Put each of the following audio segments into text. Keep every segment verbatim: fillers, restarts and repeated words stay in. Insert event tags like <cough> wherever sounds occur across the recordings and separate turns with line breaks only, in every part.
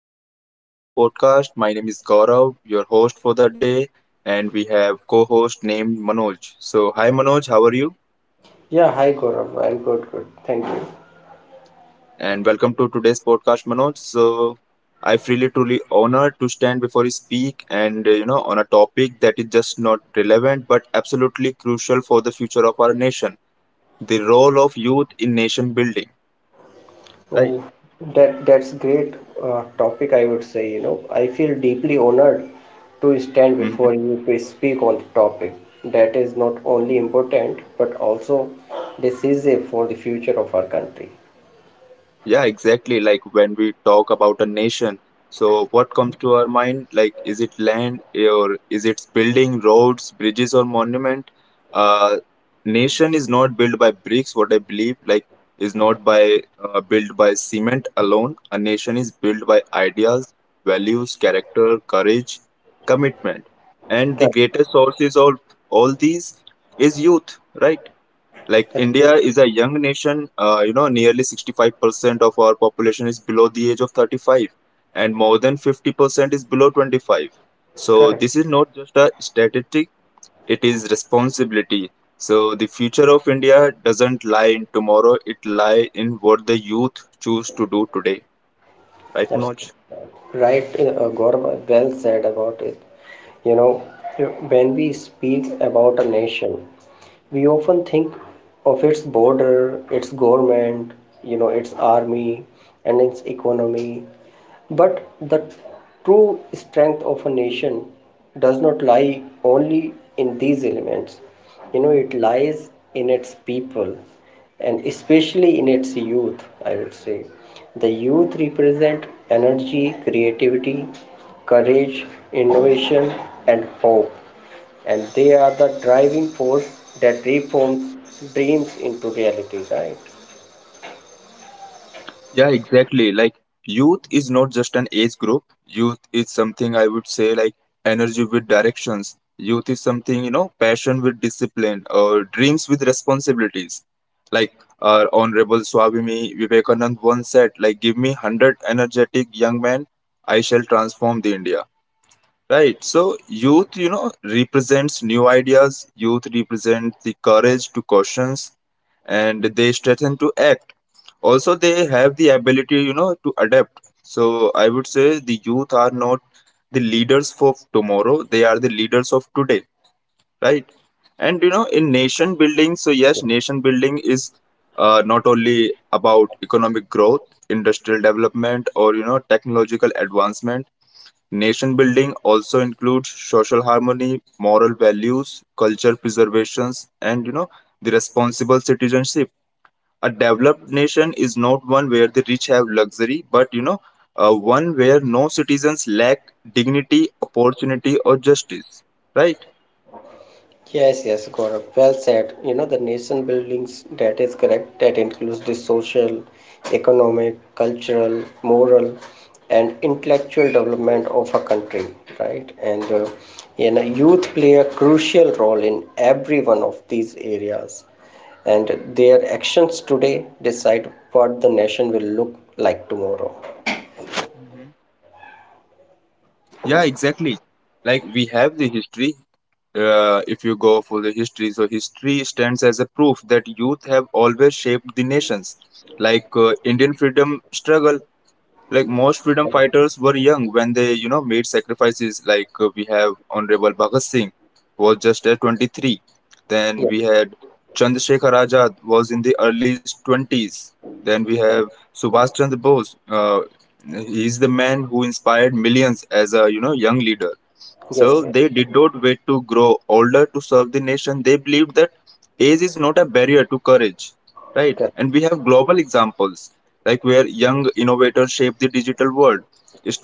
welcome to our Riverside podcast. My name is Gaurav, your host for the day, and we have co-host named Manoj. So, hi Manoj, how are you?
Yeah, hi Gaurav. I'm good, good. Thank you.
And welcome to today's podcast, Manoj. So, I feel it truly honored to stand before you speak, and uh, you know, on a topic that is just not relevant but absolutely crucial for the future of our nation: the role of youth in nation building. Right.
Oh, that that's great uh, topic, I would say. You know, I feel deeply honored to stand before
Mhm.
you to speak on the topic that is not only important but also decisive for the future of our country.
Yeah, exactly. Like when we talk about a nation, so what comes to our mind? Like, is it land eh, or is it building roads, bridges, or monument? Uh, Nation is not built by bricks. What I believe, like, is not by uh, built by cement alone. A nation is built by ideas, values, character, courage, commitment, and the
Correct.
greatest sources of all these is youth, right? Like India
Absolutely.
is a young nation. uh, you know nearly sixty-five percent of our population is below the age of thirty-five, and more than fifty percent is below twenty-five. So
Correct.
this is not just a statistic, it is responsibility. So the future of India doesn't lie in tomorrow, it lie in what the youth choose to do today, right, Manoj?
Absolutely. Right, uh, uh, Gaurav, well said about it. You know, when we speak about a nation, we often think of its border, its government, you know, its army, and its economy. But the true strength of a nation does not lie only in these elements. You know, it lies in its people and especially in its youth. I would say the youth represent energy, creativity, courage, innovation, and hope, and they are the driving force that reforms dreams into reality, right?
Yeah, exactly. Like youth is not just an age group. Youth is something I would say like energy with directions. Youth is something, you know, passion with discipline or dreams with responsibilities. Like our honorable Swamini Vivekanand once said, like give me a hundred energetic young men, I shall transform the India. Right. So youth, you know, represents new ideas. Youth represent the courage to questions and they strengthen to act. Also, they have the ability, you know, to adapt. So I would say the youth are not the leaders of tomorrow. They are the leaders of today. Right. And you know, in nation building, so yes, nation building is uh, not only about economic growth, industrial development, or you know, technological advancement. Nation building also includes social harmony, moral values, culture preservations, and you know the responsible citizenship. A developed nation is not one where the rich have luxury, but you know uh, one where no citizens lack dignity, opportunity, or justice. Right?
Yes, yes, Gaurav. Well said. You know, the nation buildings, that is correct, that includes the social, economic, cultural, moral, and intellectual development of a country, right? And, uh, you know, youth play a crucial role in every one of these areas, and their actions today decide what the nation will look like tomorrow.
Mhm. Yeah, exactly. Like we have the history, uh, if you go for the history, so history stands as a proof that youth have always shaped the nations. Like uh, Indian freedom struggle, like most freedom fighters were young when they, you know, made sacrifices. Like uh, we have honorable Bhagat Singh was just at twenty-three, then
Yeah.
we had Chandrasekhar Azad was in the early twenties, then we have Subhash Chandra Bose. Uh, he is the man who inspired millions as a, you know, young leader. So
Yes, yes,
they did not wait to grow older to serve the nation. They believed that age is not a barrier to courage, right?
correct.
And we have global examples like where young innovators shape the digital world.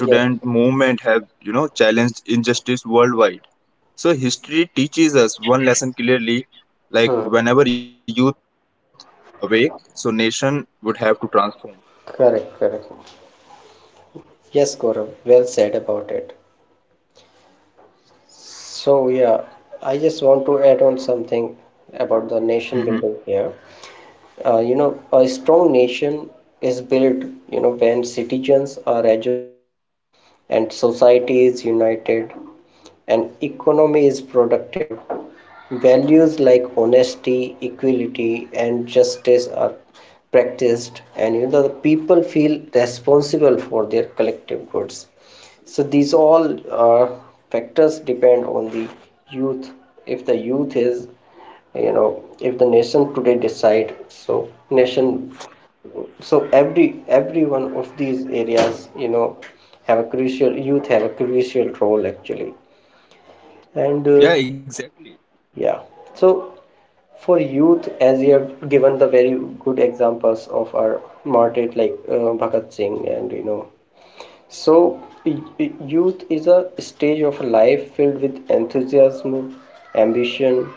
Yeah.
movement have, you know, challenged injustice worldwide. So history teaches us one lesson clearly, like
Hmm.
whenever youth awake, so nation would have to transform.
Correct, correct. Yes, Gaurav, well said about it. So yeah, I just want to add on something about the nation
Mhm.
building here. Uh, you know, a strong nation is built, you know, when citizens are educated and society is united and economy is productive. Values like honesty, equality, and justice are practiced, and you know, the people feel responsible for their collective goods. So these all uh, factors depend on the youth. If the youth is, you know, if the nation today decide, so nation, so every every one of these areas, you know, have a crucial youth have a crucial role actually. And uh,
Yeah, exactly.
Yeah, so for youth, as you have given the very good examples of our martyred like uh, Bhagat Singh, and you know, so, youth is a stage of life filled with enthusiasm, ambition,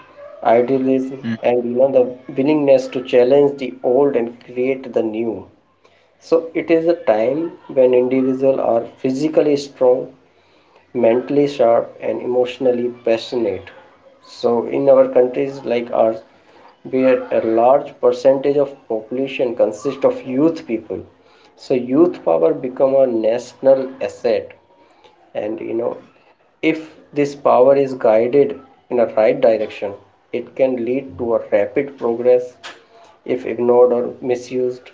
idealism, and you know the willingness to challenge the old and create the new. So, it is a time when individuals are physically strong, mentally sharp, and emotionally passionate. So in our countries like ours, where a large percentage of population consists of youth people, so youth power become a national asset. And you know, if this power is guided in a right direction, it can lead to a rapid progress. If ignored or misused,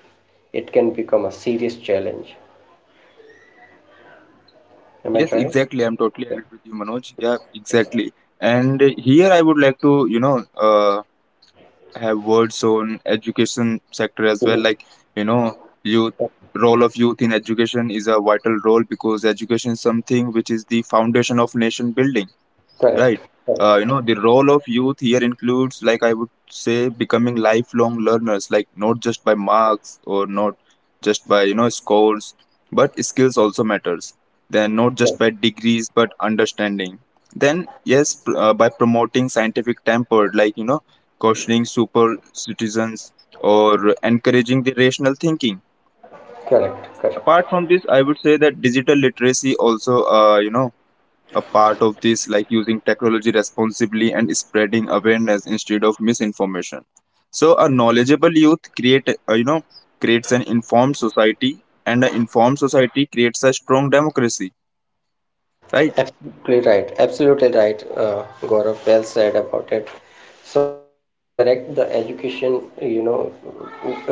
it can become a serious challenge. Am I
Yes,
right?
exactly. I'm totally agreed with you, Manoj. Yeah, exactly. And here I would like to, you know, uh, have words on education sector as well. Like, you know, youth role of youth in education is a vital role because education is something which is the foundation of nation building.
Correct.
Right. Uh, you know, the role of youth here includes, like I would say, becoming lifelong learners, like not just by marks or not just by, you know, scores, but skills also matters. Then not just by degrees, but understanding. Then, yes, pr- uh, by promoting scientific temper, like, you know, cautioning super citizens or encouraging the rational thinking.
Correct. Correct.
Apart from this, I would say that digital literacy also, uh, you know, a part of this, like using technology responsibly and spreading awareness instead of misinformation. So a knowledgeable youth create, uh, you know, creates an informed society, and an informed society creates a strong democracy, right?
Absolutely right. Absolutely right. Uh, Gaurav, well said about it. So that is correct. The education, you know,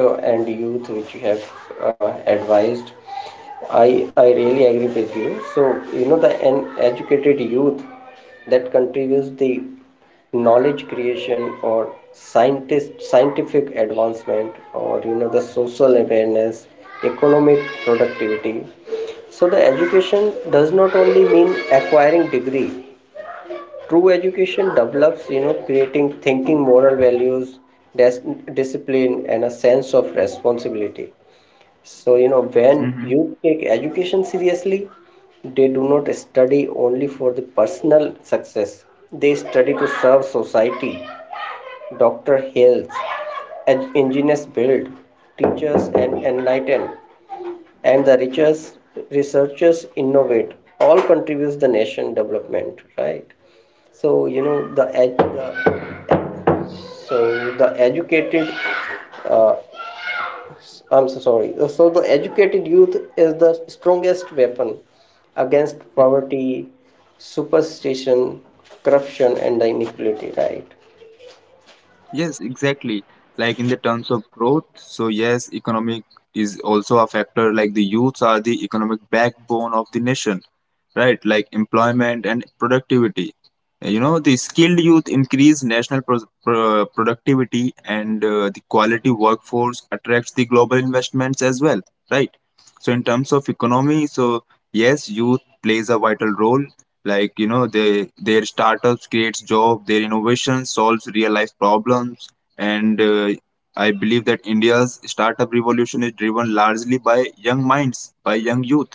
uh, and youth which you have uh, advised, I I really agree with you. So you know the an educated youth that contributes the knowledge creation or scientist scientific advancement, or you know the social awareness, economic productivity. So the education does not only mean acquiring degree. True education develops, you know, creating thinking, moral values, dis- discipline, and a sense of responsibility. So, you know, when you take education seriously, they do not study only for the personal success, they study to serve society. Doctor Hales, engineers build, teachers and enlighten, and the richest researchers innovate. All contributes the nation development, right? So you know the, ed- the so the educated uh, I'm so sorry. So the educated youth is the strongest weapon against poverty, superstition, corruption, and the inequality. Right?
Yes, exactly. Like in the terms of growth, so yes, economic is also a factor. Like the youths are the economic backbone of the nation, right? Like employment and productivity. You know, the skilled youth increase national pro pro productivity, and uh, the quality workforce attracts the global investments as well, right? So in terms of economy, so yes, youth plays a vital role, like you know, they their startups creates job, their innovation solves real life problems, and uh, I believe that India's startup revolution is driven largely by young minds, by young youth,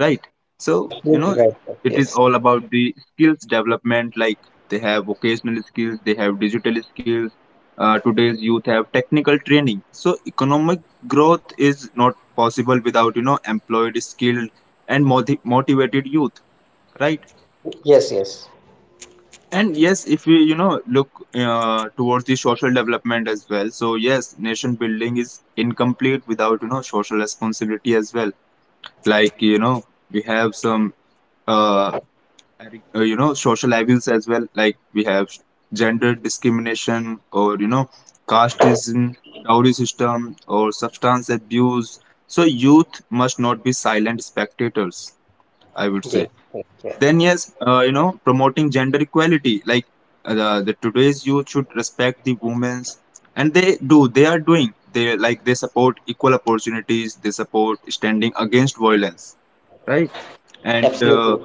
right? So you know,
Absolutely right, sir.
it is
Yes.
all about the skills development. Like they have vocational skills, they have digital skills. Uh, today's youth have technical training. So economic growth is not possible without, you know, employed, skilled, and moti- motivated youth, right?
Yes, yes,
And yes, if we, you know, look uh, towards the social development as well. So yes, nation building is incomplete without, you know, social responsibility as well. Like you know we have some uh, ag- uh, you know, social evils as well. Like we have gender discrimination or you know casteism, dowry system or substance abuse. So youth must not be silent spectators. I would
yes,
say
yes, yes.
then yes, uh, you know, promoting gender equality, like uh, the, the today's youth should respect the women's, and they do, they are doing, they like, they support equal opportunities, they support standing against violence, right? And uh,
Absolutely,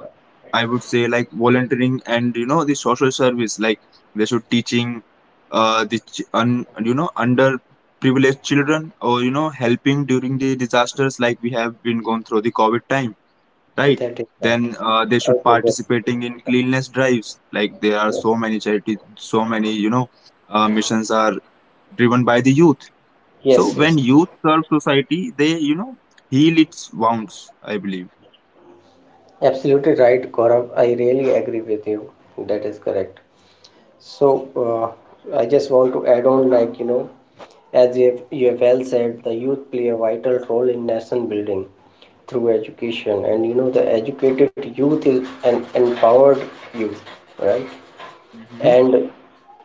I would say like volunteering and, you know, the social service, like they should teaching uh, the ch- un, you know, under privileged children, or you know, helping during the disasters, like we have been going through the COVID time, right?
that is right.
Then uh, they
I
should
will get
participating in cleanliness drives. Like there are
it.
so many charities, so many, you know, uh, missions are driven by the youth. So
Yes, yes,
when
yes.
youth serve society, they, you know, heal its wounds. I believe.
Absolutely right, Gaurav. I really agree with you. That is correct. So, uh, I just want to add on, like, you know, as you have, you have well said, the youth play a vital role in nation building through education, and you know, the educated youth is an empowered youth, right?
Hmm.
And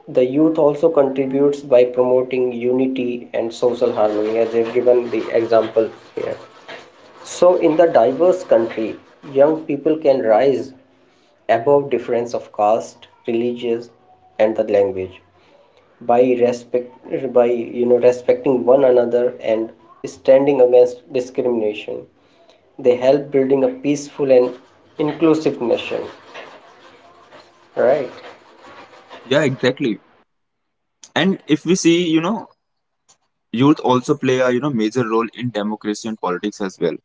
the youth also contributes by promoting unity and social harmony, as I've given the example here. So in the diverse country, young people can rise above difference of caste, religious, and the language, by respect, by you know respecting one another and standing against discrimination. They help building a peaceful and inclusive nation, right?
Yeah, exactly. And if we see, you know, youth also play a, you know, major role in democracy and politics as well,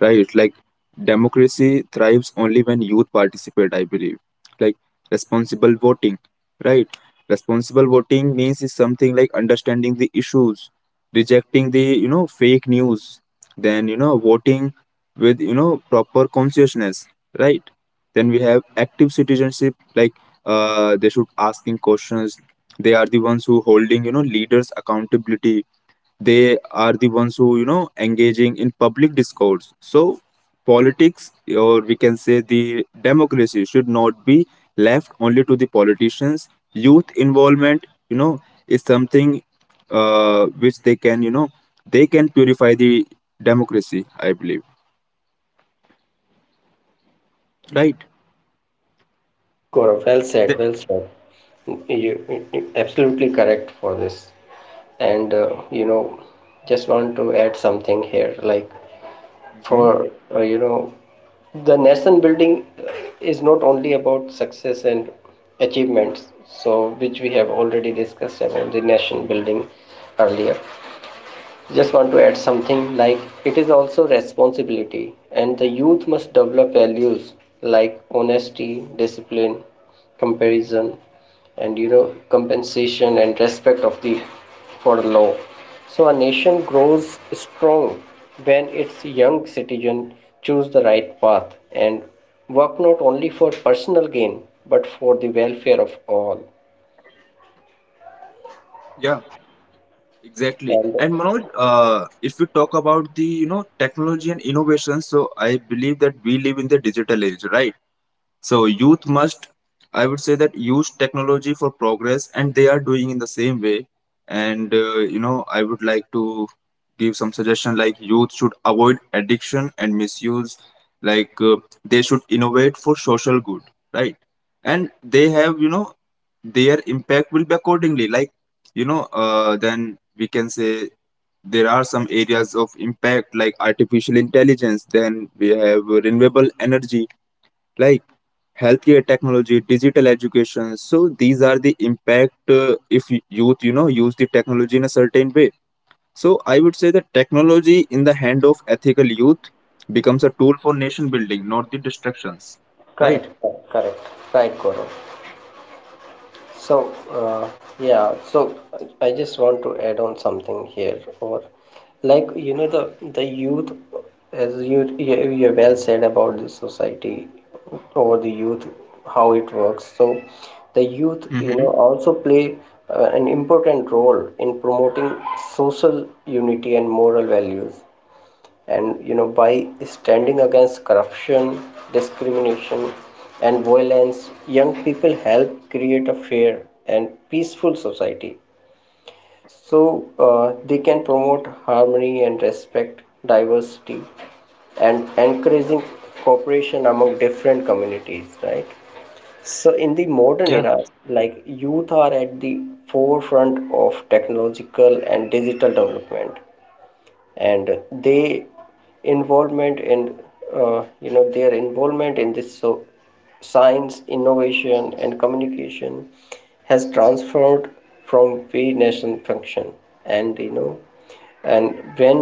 right? Like democracy thrives only when youth participate, I believe. Like responsible voting, right? Responsible voting means is something like understanding the issues, rejecting the, you know, fake news, then you know, voting with, you know, proper consciousness, right? Then we have active citizenship, like uh, they should asking questions. They are the ones who holding, you know, leaders accountability, they are the ones who, you know, engaging in public discourse. So politics, or we can say the democracy should not be left only to the politicians. Youth involvement, you know, is something uh, which they can, you know, they can purify the democracy, I believe, right?
Yes, Gaurav, well said,
The-
well said. You you- absolutely correct for this. And uh, you know, just want to add something here. Like
hmm.
for uh, you know, the nation building is not only about success and achievements. So which we have already discussed about the nation building earlier. Just want to add something like it is also responsibility, and the youth must develop values like honesty, discipline, comparison, and you know, compensation and respect of the for law. So a nation grows strong when its young citizen choose the right path and work not only for personal gain but for the welfare of all.
Yeah, exactly.
And
And Manoj, uh, if we talk about the, you know, technology and innovation, so I believe that we live in the digital age, right? So youth must, I would say, that use technology for progress, and they are doing in the same way. And uh, you know, I would like to give some suggestion, like youth should avoid addiction and misuse. Like uh, they should innovate for social good, right? And they have, you know, their impact will be accordingly. Like you know, uh, then we can say there are some areas of impact like artificial intelligence. Then we have renewable energy, like healthcare technology, digital education. So these are the impact uh, if y- youth, you know, use the technology in a certain way. So I would say that technology in the hand of ethical youth becomes a tool for nation building, not the destructions. Right?
correct, correct, correct. Right, Gaurav. So, uh, yeah, so I I just want to add on something here, or like you know the the youth, as you you you well said about the society or the youth, how it works. So, the youth,
Mm-hmm.
you know, also play uh, an important role in promoting social unity and moral values, and you know by standing against corruption, discrimination, and violence, young people help create a fair and peaceful society. So uh, they can promote harmony and respect diversity and encouraging cooperation among different communities, right? So in the modern
Yeah.
era, like youth are at the forefront of technological and digital development, and they involvement in uh, you know their involvement in this, so science, innovation, and communication has transformed from very national function. And you know, and when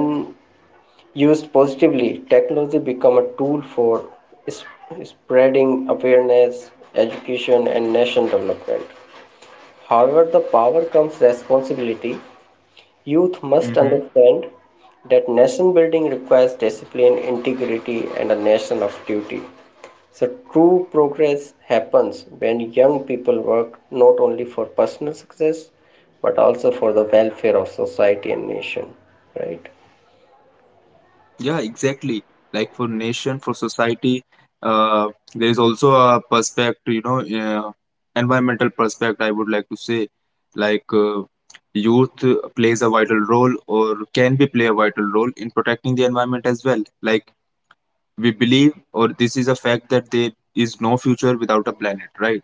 used positively, technology become a tool for is- spreading awareness, education, and nation development. However, the power comes responsibility. Youth must
Mm-hmm.
understand that nation building requires discipline, integrity, and a nation of duty. So, true progress happens when young people work not only for personal success but also for the welfare of society and nation. Right?
Yeah, exactly. Like for nation, for society, uh, there is also a perspective, you know, uh, environmental perspective, I would like to say. Like uh, youth uh, plays a vital role or can be play a vital role in protecting the environment as well. Like we believe, or this is a fact that there is no future without a planet, right?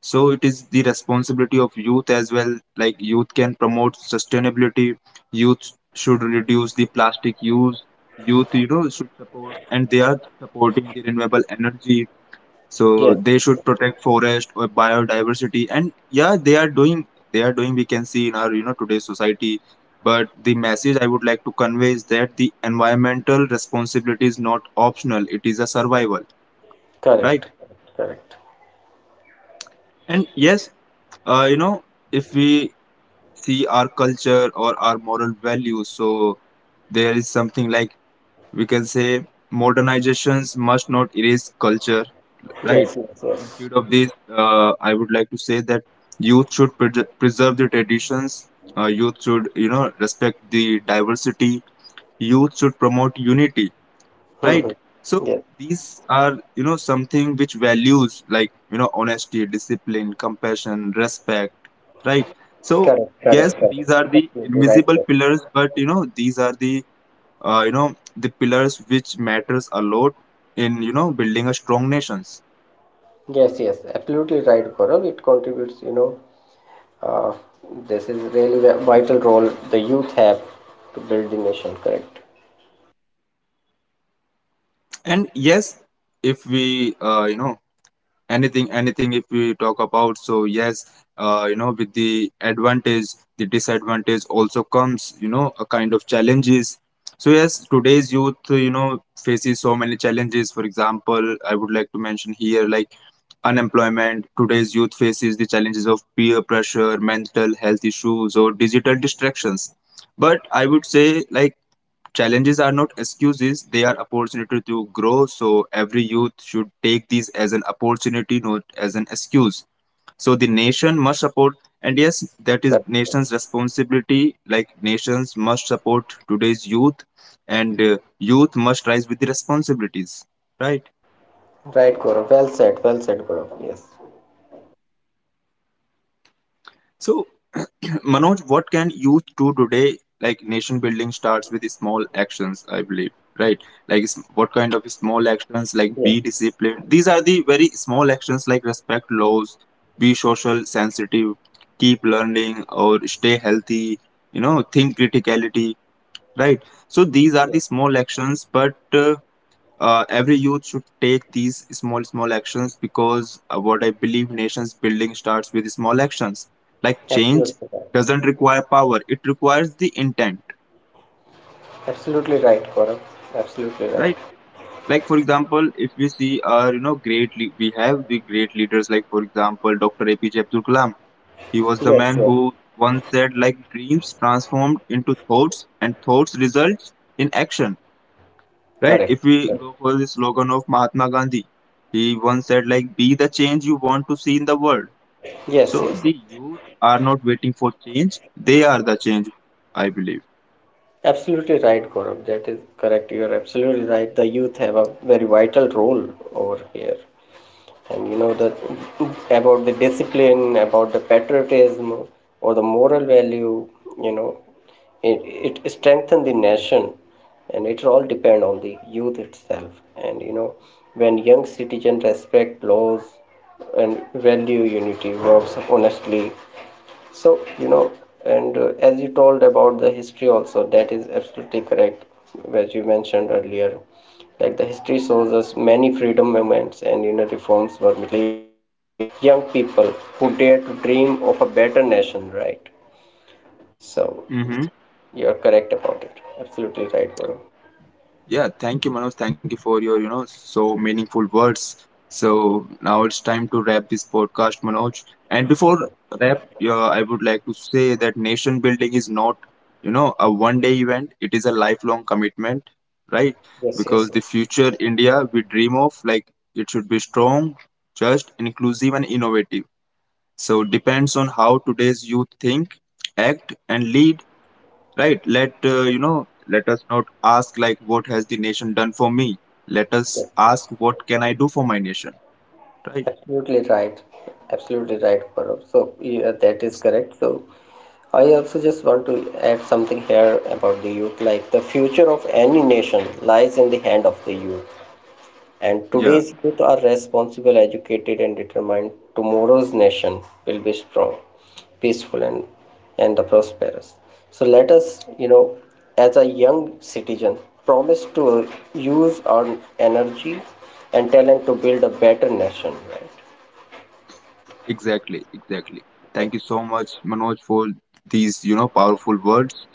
So it is the responsibility of youth as well. Like youth can promote sustainability. Youth should reduce the plastic use. Youth, you know, should support, and they are supporting the renewable energy.
Yes,
So they should protect forest or biodiversity. And yeah, they are doing. They are doing. We can see in our, you know, today's society. But the message I would like to convey is that the environmental responsibility is not optional. It is a survival,
correct,
right?
correct.
And yes, uh, you know, if we see our culture or our moral values. So there is something like we can say modernizations must not erase culture, right?
Yes, yes, yes.
Instead of this, uh, I would like to say that youth should pre- preserve the traditions. Uh, youth should, you know, respect the diversity. Youth should promote unity,
Hmm.
right? So
Yes,
these are, you know something which values, like, you know honesty, discipline, compassion, respect, right? So
correct, correct,
yes, these
correct.
are the
Absolutely right,
invisible
Gaurav.
pillars, but you know these are the uh, you know the pillars which matters a lot in, you know building a strong nations.
Yes, yes, absolutely right, Gaurav. It contributes, you know, Uh, this is really a vital role the youth have to build the nation, correct?
And yes, if we uh, you know anything anything if we talk about, so yes, uh, you know with the advantage the disadvantage also comes, you know a kind of challenges. So yes, today's youth, uh, you know faces so many challenges. For example, I would like to mention here, like unemployment. Today's youth faces the challenges of peer pressure, mental health issues, or digital distractions. But I would say, like, challenges are not excuses, they are opportunity to grow. So every youth should take these as an opportunity, not as an excuse. So the nation must support, and yes,
Correct,
that is
correct.
nation's responsibility. Like nations must support today's youth, and uh, youth must rise with the responsibilities, right?
Right, Gaurav. Well said, well said, Gaurav. Yes.
So, <clears throat> Manoj, what can youth do today? Like nation building starts with small actions, I believe, right? Like s- what kind of small actions? Like
Yes.
be disciplined. These are the very small actions, like respect laws, be social sensitive, keep learning, or stay healthy. You know, think criticality, right? So these are the
Yes.
small actions, but uh, uh, every youth should take these small small actions, because uh, what I believe, nations building starts with small actions. Like change
Absolutely right.
doesn't require power, it requires the intent,
Absolutely right, Gaurav. Absolutely right.
right? Like, for example, if we see, uh, you know great le- we have the great leaders, like for example doctor. A P J Abdul Kalam. He was the man
Yes, yes.
who once said, like, dreams transformed into thoughts and thoughts results in action, right?
Correct,
If we
correct.
go for the slogan of Mahatma Gandhi, he once said, like, be the change you want to see in the world.
Yes,
So
yes.
the youth are not waiting for change, they are the change, I believe.
Absolutely right, Gaurav. That is correct. You are absolutely right. The youth have a very vital role over here. And you know the about the discipline, about the patriotism, or the moral value, you know, it, it strengthens the nation, and it all depend on the youth itself. And you know, when young citizens respect laws and value unity, works honestly, so, you know, and uh, as you told about the history also, that is absolutely correct, as you mentioned earlier. Like the history shows us many freedom movements, and you know reforms were led by the young people who dared to dream of a better nation, right? So
Mm-hmm.
you're correct about it. Absolutely right, Guru.
Yeah, thank you, Manoj. Thank you for your, you know, so meaningful words. So now it's time to wrap this podcast, Manoj. And before wrap, yeah, I would like to say that nation building is not, you know, a one-day event. It is a lifelong commitment, right?
Yes, yes,
Because the
yes.
future India we dream of, like, it should be strong, just, inclusive, and innovative. So depends on how today's youth think, act, and lead, right? Let uh, you know let us not ask like what has the nation done for me, let us
Yes.
ask what can I do for my nation, right?
Absolutely right. Absolutely right, Gaurav. So yeah, that is correct. So I also just want to add something here about the youth. Like the future of any nation lies in the hand of the youth. And
Yeah,
today's youth are responsible, educated, and determined. Tomorrow's nation will be strong, peaceful, and and the prosperous. So let us, you know, as a young citizen, promise to use our energy and talent to build a better nation. Right.
exactly, exactly. Thank you so much, Manoj, for these, you know powerful words.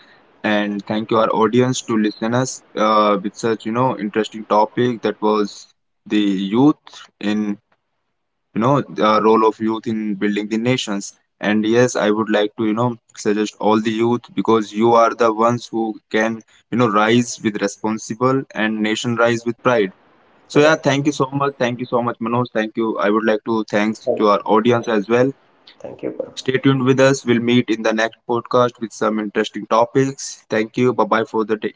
And thank you our audience to listen us, uh, with such, you know interesting topic. That was the youth in, you know uh, role of youth in building the nations. And yes, I would like to, you know suggest all the youth, because you are the ones who can, you know rise with responsible and nation rise with pride. So yeah,
Right.
thank you so much, thank you so much Manoj, thank you. I would like to thanks to
Thank you.
our audience as well.
Thank you. Parag.
Stay tuned with us, we'll meet in the next podcast with some interesting topics. Thank you, bye bye for the day.